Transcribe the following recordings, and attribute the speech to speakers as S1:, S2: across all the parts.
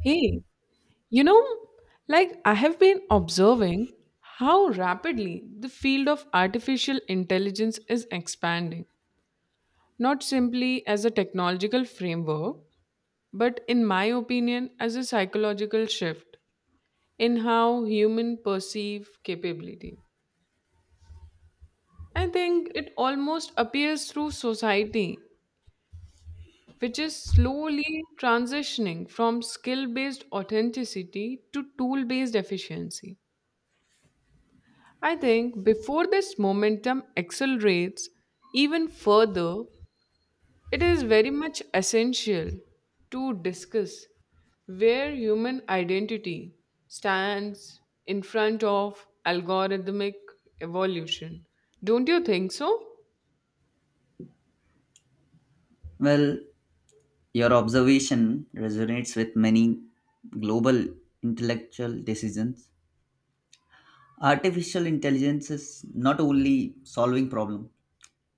S1: Hey, you know, like I have been observing how rapidly the field of artificial intelligence is expanding, not simply as a technological framework, but in my opinion, as a psychological shift in how human perceive capability. I think it almost appears through society, which is slowly transitioning from skill based authenticity to tool based efficiency. I think before this momentum accelerates even further, it is very much essential to discuss where human identity stands in front of algorithmic evolution. Don't you think so?
S2: Well, your observation resonates with many global intellectual decisions. Artificial intelligence is not only solving problems,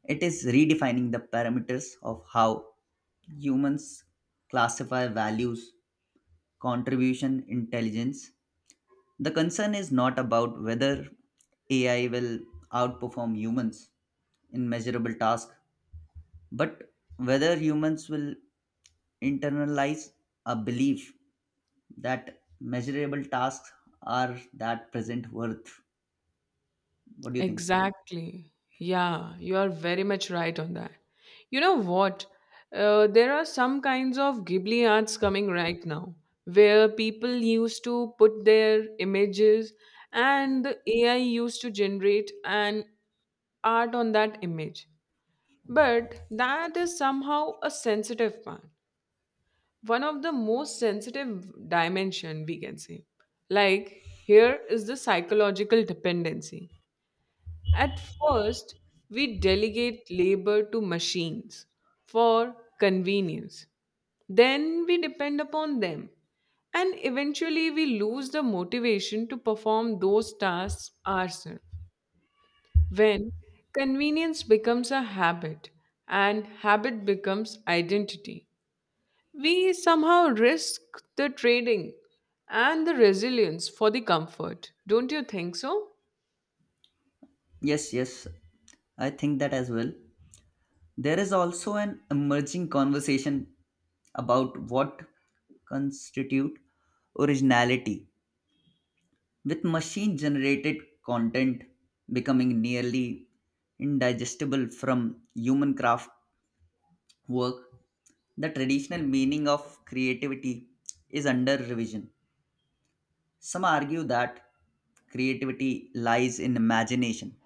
S2: it is redefining the parameters of how humans classify values, contribution, intelligence. The concern is not about whether AI will outperform humans in measurable tasks, but whether humans will internalize a belief that measurable tasks are that present worth. What do you think?
S1: Exactly. Yeah, you are very much right on that. You know what? There are some kinds of Ghibli arts coming right now where people used to put their images and the AI used to generate an art on that image. But that is somehow a sensitive part. One of the most sensitive dimension we can say. Like here is the psychological dependency at first, we delegate labor to machines for convenience. Then we depend upon them. And eventually, we lose the motivation to perform those tasks ourselves. When convenience becomes a habit and habit becomes identity, we somehow risk the trading and the resilience for the comfort. Don't you think so?
S2: Yes, yes, I think that as well. There is also an emerging conversation about what constitute originality with machine generated content becoming nearly indigestible from human craft work, the traditional meaning of creativity is under revision. Some argue that creativity lies in imagination,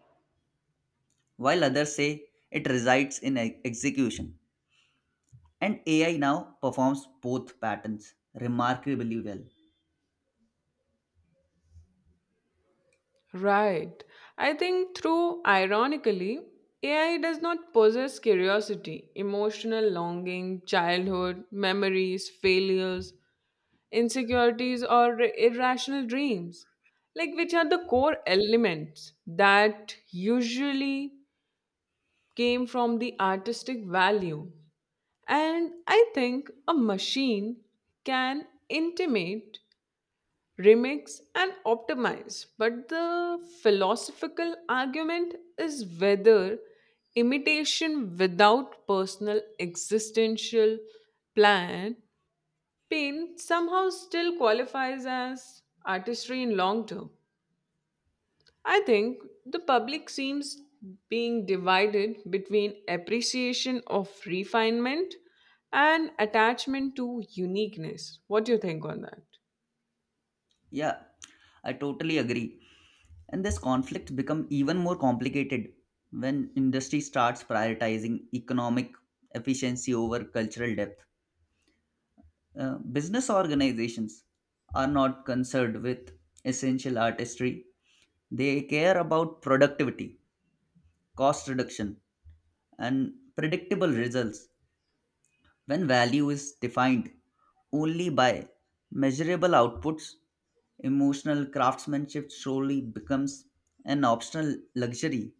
S2: while others say it resides in execution. And AI now performs both patterns remarkably well.
S1: Right. I think through ironically, AI does not possess curiosity, emotional longing, childhood, memories, failures, insecurities, or irrational dreams, like which are the core elements that usually came from the artistic value. And I think a machine can intimate remix and optimize. But the philosophical argument is whether imitation without personal existential plan pain somehow still qualifies as artistry in long term. I think the public seems being divided between appreciation of refinement and attachment to uniqueness. What do you think on that?
S2: Yeah, I totally agree. And this conflict become even more complicated when industry starts prioritizing economic efficiency over cultural depth. Business organizations are not concerned with essential artistry. They care about productivity, cost reduction, and predictable results. When value is defined only by measurable outputs, emotional craftsmanship slowly becomes an optional luxury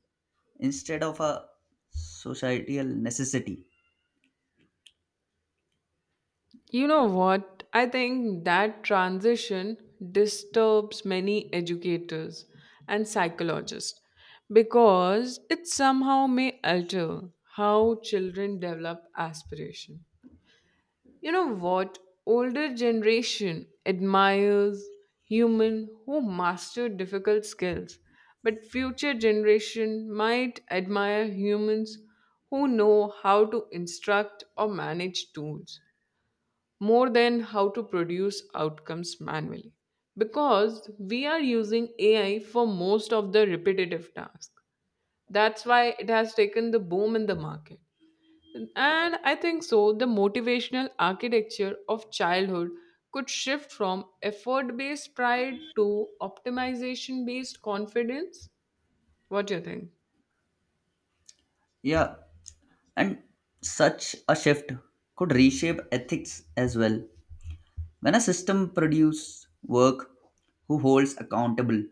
S2: instead of a societal necessity.
S1: You know what? I think that transition disturbs many educators and psychologists because it somehow may alter how children develop aspiration. You know what? Older generation admires human who master difficult skills, but future generation might admire humans who know how to instruct or manage tools more than how to produce outcomes manually because we are using AI for most of the repetitive tasks. That's why it has taken the boom in the market. And I think so, the motivational architecture of childhood could shift from effort based pride to optimization based confidence. What do you think?
S2: Yeah, and such a shift could reshape ethics as well. When a system produces work, who holds accountable?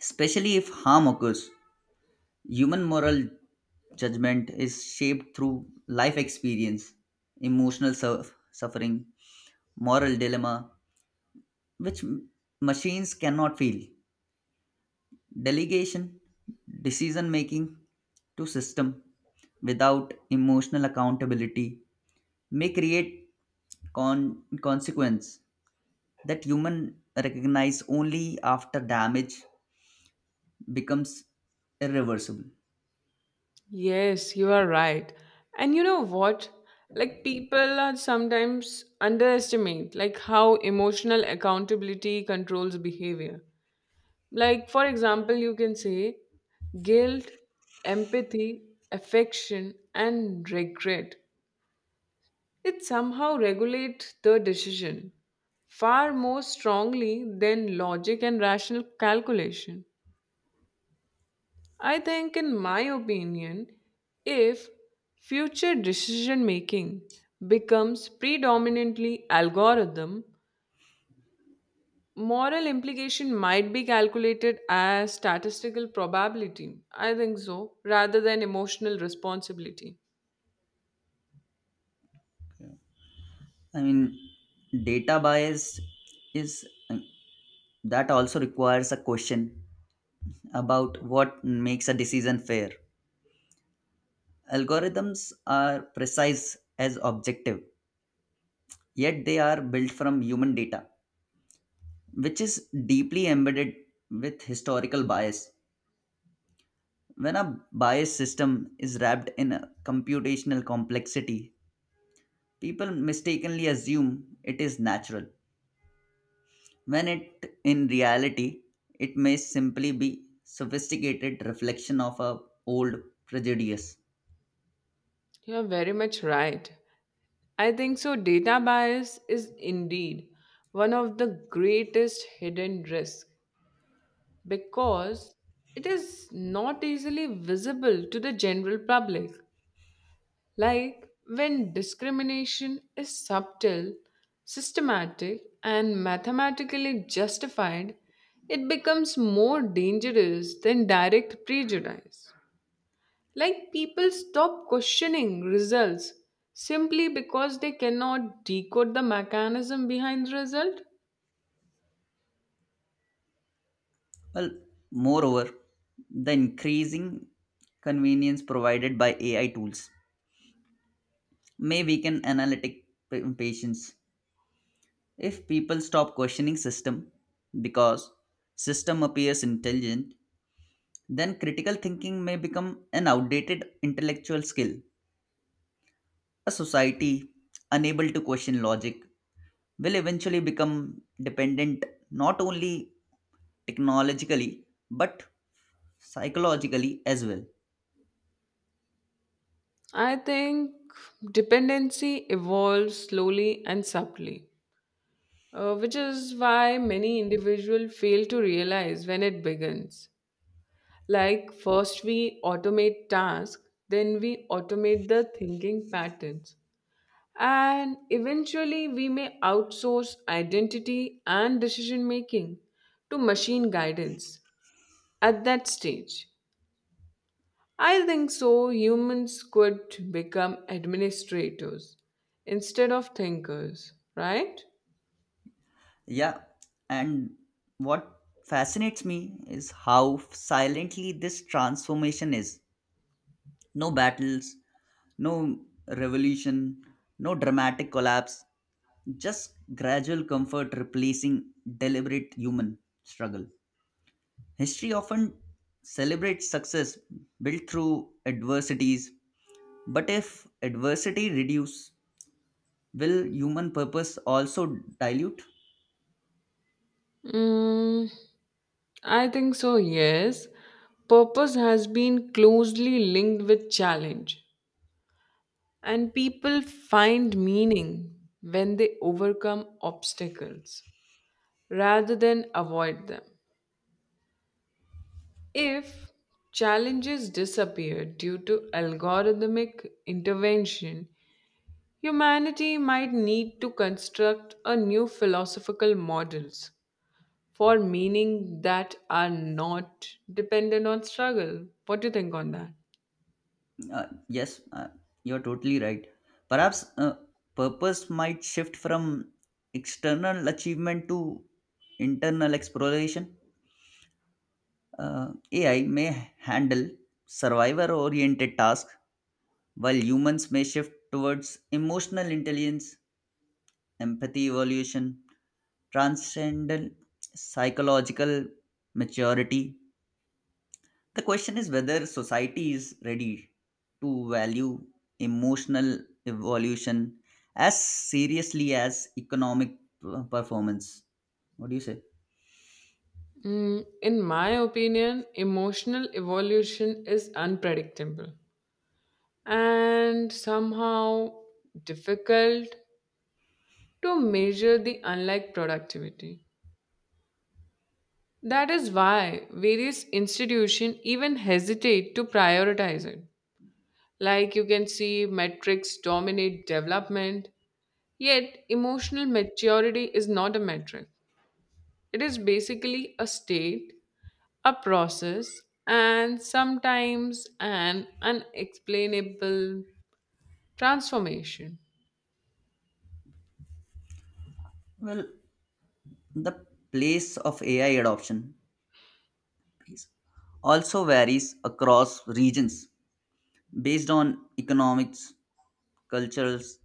S2: Especially if harm occurs, human moral judgment is shaped through life experience, emotional suffering, moral dilemma, which machines cannot feel. Delegation, decision making to system without emotional accountability may create consequence that human recognize only after damage becomes irreversible.
S1: Yes, you are right. And you know what? Like people are sometimes underestimate like how emotional accountability controls behavior. Like for example, you can say guilt, empathy, affection and regret. It somehow regulate the decision far more strongly than logic and rational calculation. I think, in my opinion, if future decision making becomes predominantly algorithm, moral implication might be calculated as statistical probability. I think so, rather than emotional responsibility.
S2: I mean, data bias is that also requires a question about what makes a decision fair. Algorithms are precise as objective, yet they are built from human data, which is deeply embedded with historical bias. When a bias system is wrapped in a computational complexity, people mistakenly assume it is natural, when it in reality it may simply be sophisticated reflection of a old prejudice.
S1: You're very much right. I think so. Data bias is indeed one of the greatest hidden risks because it is not easily visible to the general public. Like when discrimination is subtle, systematic, and mathematically justified, it becomes more dangerous than direct prejudice. Like people stop questioning results simply because they cannot decode the mechanism behind the result.
S2: Well, moreover, the increasing convenience provided by AI tools may weaken analytic patience. If people stop questioning system because system appears intelligent, then critical thinking may become an outdated intellectual skill. A society unable to question logic will eventually become dependent not only technologically but psychologically as well.
S1: I think dependency evolves slowly and subtly, which is why many individuals fail to realize when it begins. Like, first we automate tasks, then we automate the thinking patterns. And eventually, we may outsource identity and decision making to machine guidance. At that stage, I think so, humans could become administrators instead of thinkers, right?
S2: Yeah, and what fascinates me is how silently this transformation is. No battles, no revolution, no dramatic collapse, just gradual comfort replacing deliberate human struggle. History often celebrates success built through adversities, but if adversity reduce, will human purpose also dilute?
S1: Mm, I think so, yes. Purpose has been closely linked with challenge. And people find meaning when they overcome obstacles rather than avoid them. If challenges disappear due to algorithmic intervention, humanity might need to construct a new philosophical models for meaning that are not dependent on struggle. What do you think on that?
S2: Yes, you're totally right. Perhaps purpose might shift from external achievement to internal exploration. AI may handle survivor oriented tasks, while humans may shift towards emotional intelligence, empathy evolution, transcendent psychological maturity. The question is whether society is ready to value emotional evolution as seriously as economic performance. What do you say?
S1: Mm, in my opinion, emotional evolution is unpredictable, and somehow difficult to measure the unlike productivity. That is why various institutions even hesitate to prioritize it. Like you can see, metrics dominate development, yet, emotional maturity is not a metric. It is basically a state, a process, and sometimes an unexplainable transformation.
S2: Well, the place of AI adoption is- also varies across regions based on economics, cultures,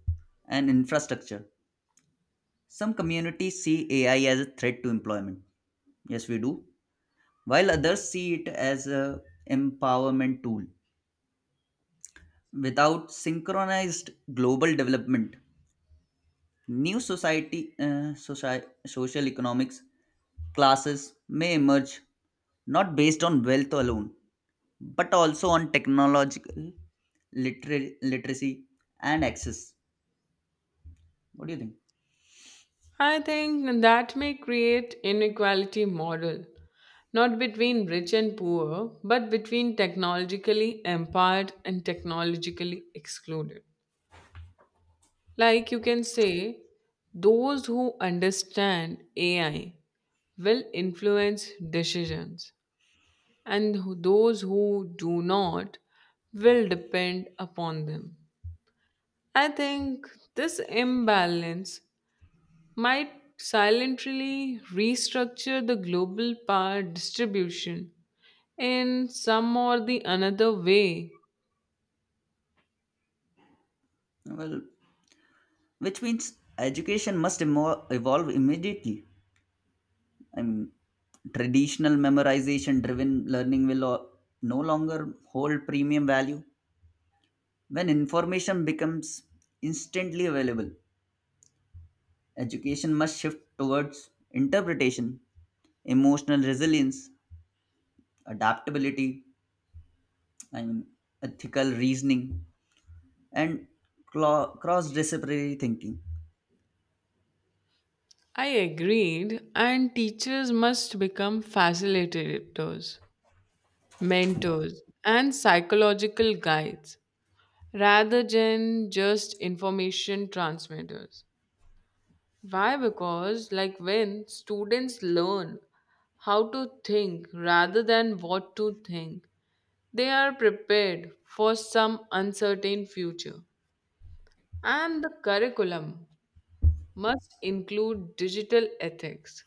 S2: and infrastructure. Some communities see AI as a threat to employment. Yes, we do. While others see it as a empowerment tool without synchronized global development, new society social economics classes may emerge not based on wealth alone but also on technological literacy and access. What do you think?
S1: I think that may create inequality model, not between rich and poor, but between technologically empowered and technologically excluded. Like you can say, those who understand AI will influence decisions, and those who do not will depend upon them. I think this imbalance might silently restructure the global power distribution in some or the another way.
S2: Well, which means education must evolve immediately. I mean, traditional memorization driven learning will no longer hold premium value. When information becomes instantly available, education must shift towards interpretation, emotional resilience, adaptability, I mean, ethical reasoning, and cross disciplinary thinking.
S1: I agreed, and teachers must become facilitators, mentors, and psychological guides rather than just information transmitters. Why? Because, like when students learn how to think rather than what to think, they are prepared for some uncertain future. And the curriculum must include digital ethics,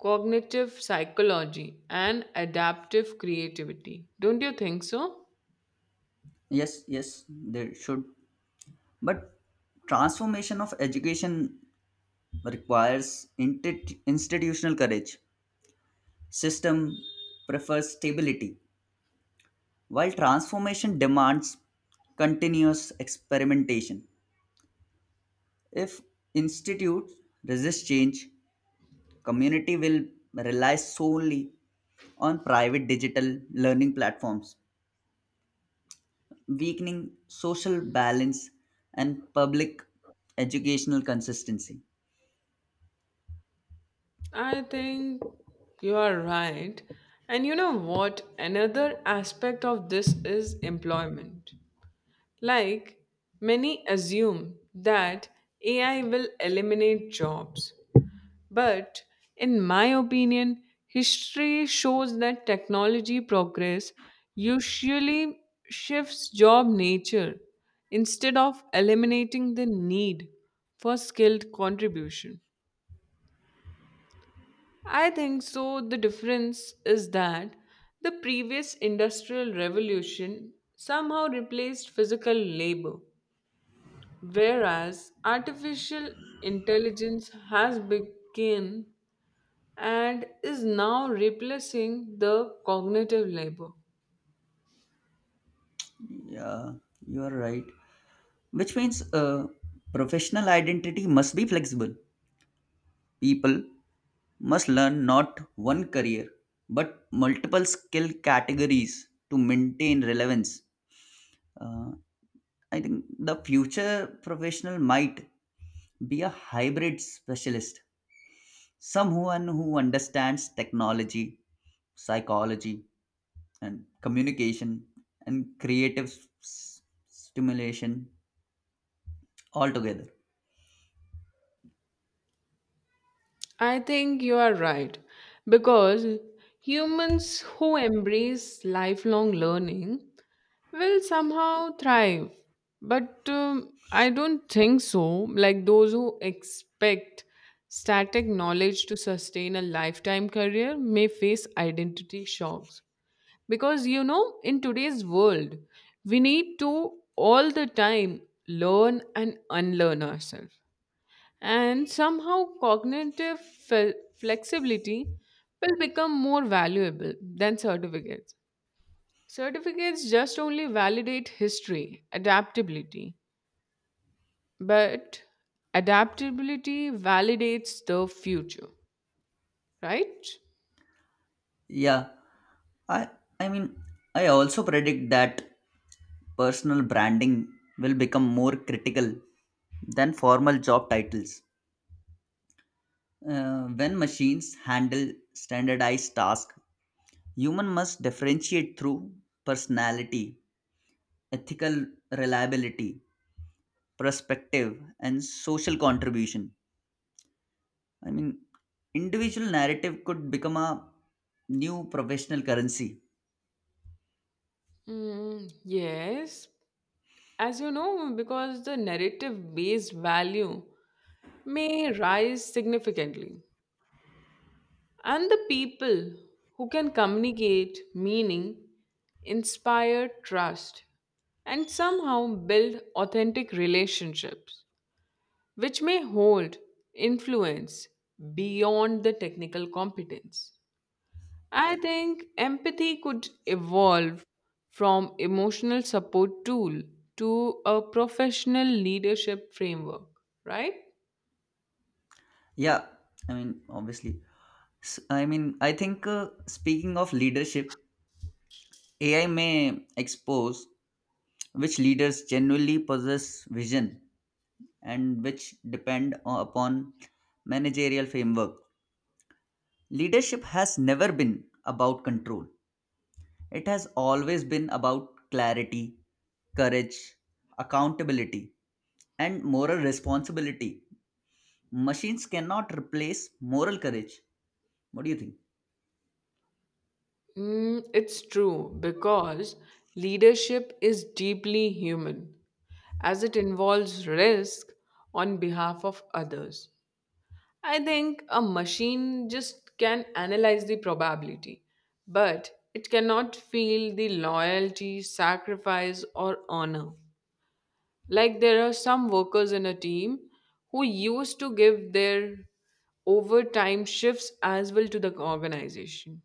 S1: cognitive psychology, and adaptive creativity. Don't you think so?
S2: Yes, yes, there should. But transformation of education requires institutional courage. System prefers stability, while transformation demands continuous experimentation. If institutes resist change, community will rely solely on private digital learning platforms, weakening social balance and public educational consistency.
S1: I think you are right. And you know what? Another aspect of this is employment. Like, many assume that AI will eliminate jobs, but in my opinion, history shows that technology progress usually shifts job nature instead of eliminating the need for skilled contribution. I think so. The difference is that the previous industrial revolution somehow replaced physical labor, whereas artificial intelligence has begun and is now replacing the cognitive labor.
S2: Yeah, you are right. Which means professional identity must be flexible. People must learn not one career but multiple skill categories to maintain relevance. Uh, I think the future professional might be a hybrid specialist, someone who understands technology, psychology, and communication and creative s- stimulation altogether.
S1: I think you are right because humans who embrace lifelong learning will somehow thrive. But I don't think so. Like those who expect static knowledge to sustain a lifetime career may face identity shocks, because you know in today's world we need to all the time learn and unlearn ourselves, and somehow cognitive flexibility will become more valuable than certificates. Certificates just only validate history adaptability, but adaptability validates the future, right?
S2: Yeah, I I mean I also predict that personal branding will become more critical than formal job titles. When machines handle standardized tasks, human must differentiate through personality, ethical reliability, perspective, and social contribution. I mean, individual narrative could become a new professional currency.
S1: Mm, yes, as you know because the narrative based value may rise significantly. And the people who can communicate meaning, inspire trust, and somehow build authentic relationships, which may hold influence beyond the technical competence. I think empathy could evolve from emotional support tool to a professional leadership framework, right?
S2: Yeah, I mean, obviously. I mean, I think speaking of leadership, AI may expose which leaders genuinely possess vision and which depend upon managerial framework. Leadership has never been about control, it has always been about clarity, courage, accountability, and moral responsibility. Machines cannot replace moral courage. What do you think?
S1: Mm, it's true because leadership is deeply human as it involves risk on behalf of others. I think a machine just can analyze the probability, but it cannot feel the loyalty, sacrifice, or honor. Like there are some workers in a team who used to give their overtime shifts as well to the organization.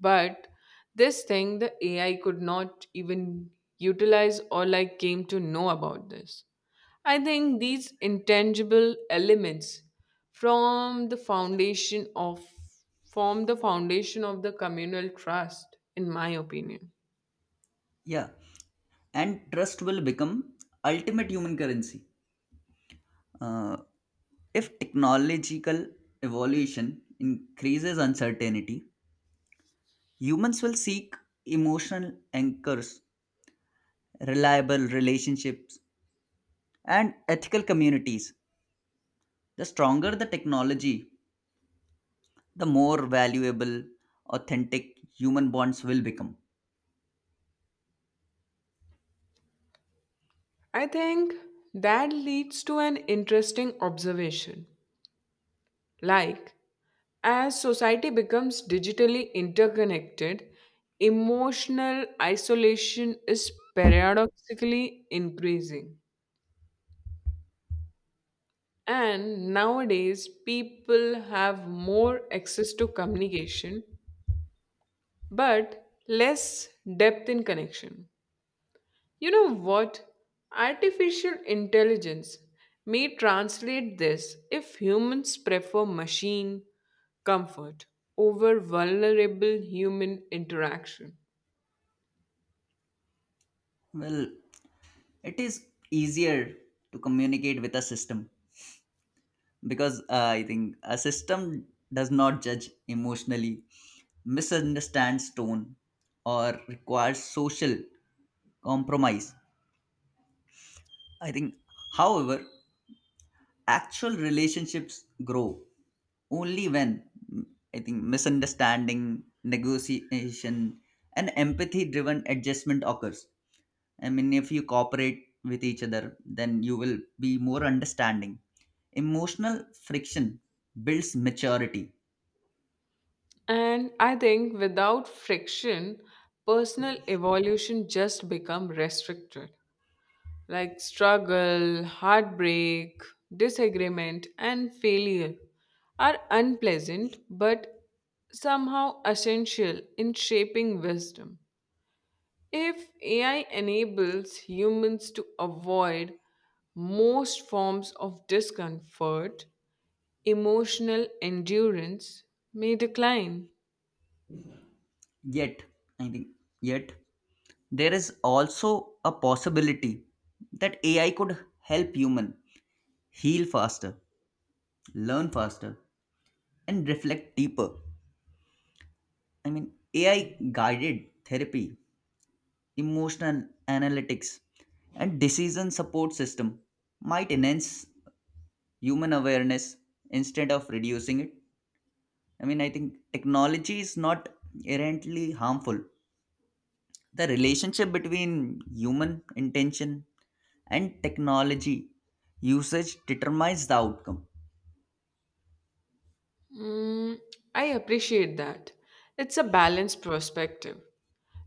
S1: But this thing the AI could not even utilize or like came to know about this. I think these intangible elements from the foundation of form the foundation of the communal trust, in my opinion.
S2: Yeah. And trust will become ultimate human currency. Uh, if technological evolution increases uncertainty, humans will seek emotional anchors, reliable relationships, and ethical communities. The stronger the technology, the more valuable, authentic human bonds will become.
S1: I think that leads to an interesting observation. Like, as society becomes digitally interconnected, emotional isolation is paradoxically increasing. And nowadays, people have more access to communication but less depth in connection. You know what? Artificial intelligence may translate this if humans prefer machine comfort over vulnerable human interaction.
S2: Well, it is easier to communicate with a system because I think a system does not judge emotionally, misunderstands tone, or requires social compromise. I think, however, actual relationships grow only when, mm, I think, misunderstanding, negotiation, and empathy driven adjustment occurs. I mean, if you cooperate with each other, then you will be more understanding. Emotional friction builds maturity.
S1: And I think without friction, personal evolution just become restricted. Like struggle, heartbreak, disagreement, and failure are unpleasant but somehow essential in shaping wisdom. If AI enables humans to avoid most forms of discomfort, emotional endurance may decline.
S2: Yet, I think, yet there is also a possibility that AI could help human heal faster, learn faster, and reflect deeper. I mean, AI guided therapy, emotional analytics, and decision support system might enhance human awareness instead of reducing it. I mean, I think technology is not inherently harmful. The relationship between human intention and technology usage determines the outcome.
S1: Mm, I appreciate that. It's a balanced perspective.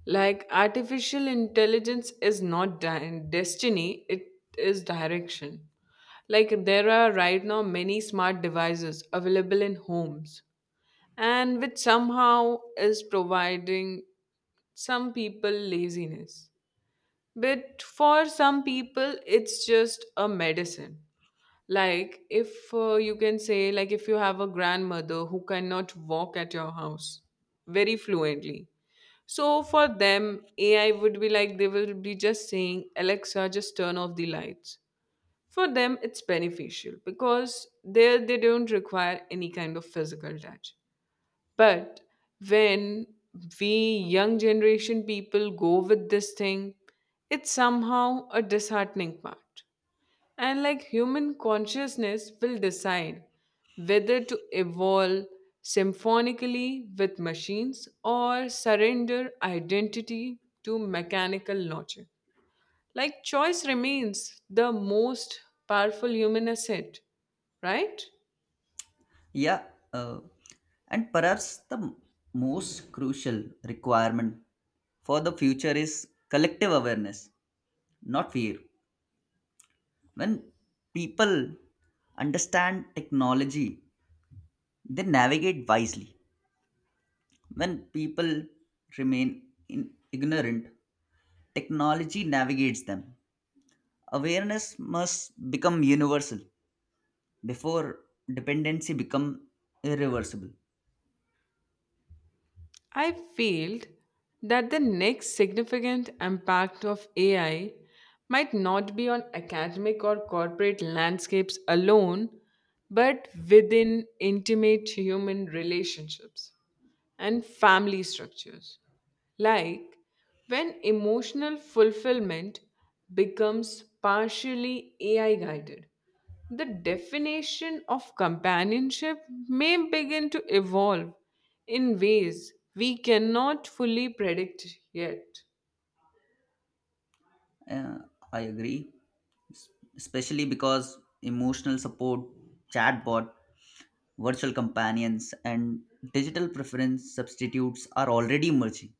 S1: Like artificial intelligence is not destiny, it is direction. Like there are right now many smart devices available in homes and which somehow is providing some people laziness, but for some people it's just a medicine. Like if you can say, like if you have a grandmother who cannot walk at your house very fluently, so for them AI would be like they will be just saying Alexa just turn off the lights. For them it's beneficial because there they don't require any kind of physical touch. But when we young generation people go with this thing, it's somehow a disheartening part. And like human consciousness will decide whether to evolve symphonically with machines or surrender identity to mechanical logic. Like choice remains the most powerful human asset, right?
S2: Yeah, uh, and perhaps the most crucial requirement for the future is collective awareness, not fear. When people understand technology, they navigate wisely. When people remain in ignorant, technology navigates them. Awareness must become universal before dependency become irreversible.
S1: I feel that the next significant impact of AI might not be on academic or corporate landscapes alone, but within intimate human relationships and family structures. Like when emotional fulfillment becomes partially AI guided, the definition of companionship may begin to evolve in ways we cannot fully predict yet.
S2: Uh, I agree, es- especially because emotional support, chatbot, virtual companions, and digital preference substitutes are already emerging.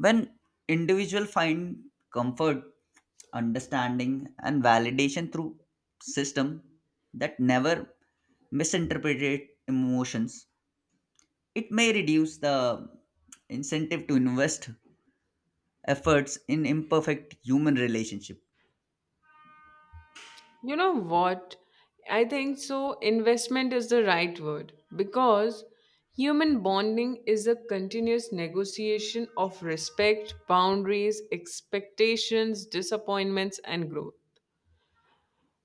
S2: When individuals find comfort, understanding, and validation through system that never misinterpret emotions, it may reduce the incentive to invest efforts in imperfect human relationship.
S1: You know what? I think so. Investment is the right word because human bonding is a continuous negotiation of respect, boundaries, expectations, disappointments, and growth.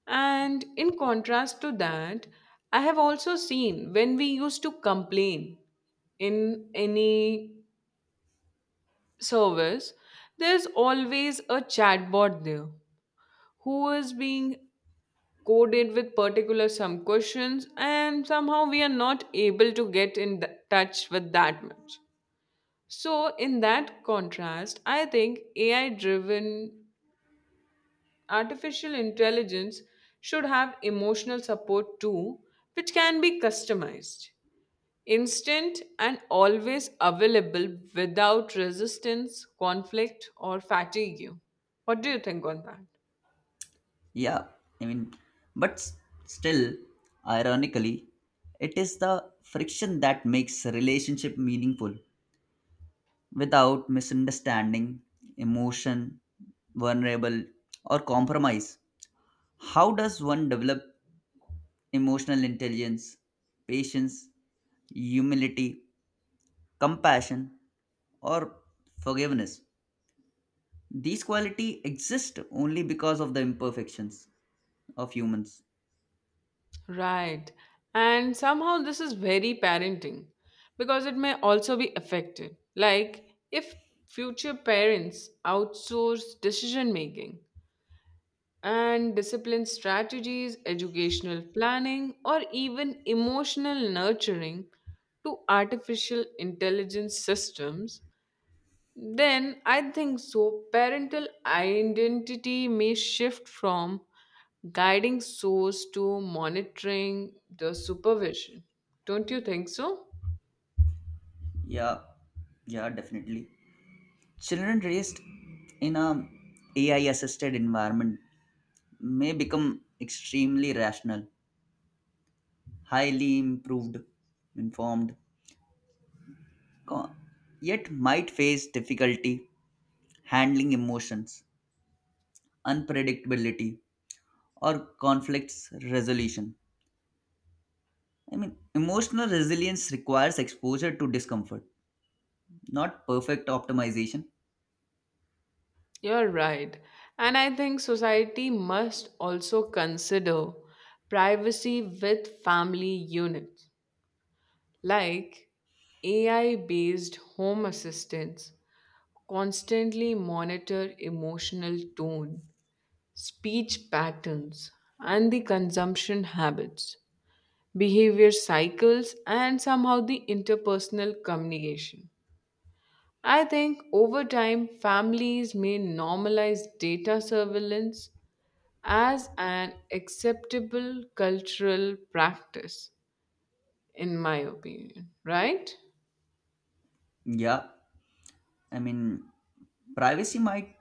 S1: And in contrast to that, I have also seen when we used to complain in any service, there's always a chatbot there who is being coded with particular some questions and somehow we are not able to get in touch with that much. So in that contrast I think AI driven artificial intelligence should have emotional support too, which can be customized, instant and always available without resistance, conflict, or fatigue. What do you think on that?
S2: Yeah, I mean, but still, ironically, it is the friction that makes a relationship meaningful. Without misunderstanding, emotion, vulnerable, or compromise, how does one develop emotional intelligence, patience, humility, compassion, or forgiveness? These quality exist only because of the imperfections of humans.
S1: Right. And somehow this is very parenting because it may also be affected. Like if future parents outsource decision making and discipline strategies, educational planning, or even emotional nurturing to artificial intelligence systems, then I think so, parental identity may shift from guiding source to monitoring the supervision. Don't you think so?
S2: Yeah, yeah, definitely. Children raised in a AI assisted environment may become extremely rational, highly improved, informed, co- yet might face difficulty handling emotions, unpredictability, or conflicts resolution. I mean, emotional resilience requires exposure to discomfort, not perfect optimization.
S1: You're right. And I think society must also consider privacy with family units, like AI based home assistants constantly monitor emotional tone, speech patterns, and the consumption habits, behavior cycles, and somehow the interpersonal communication. I think over time, families may normalize data surveillance as an acceptable cultural practice, in my opinion, right?
S2: Yeah, I mean, privacy might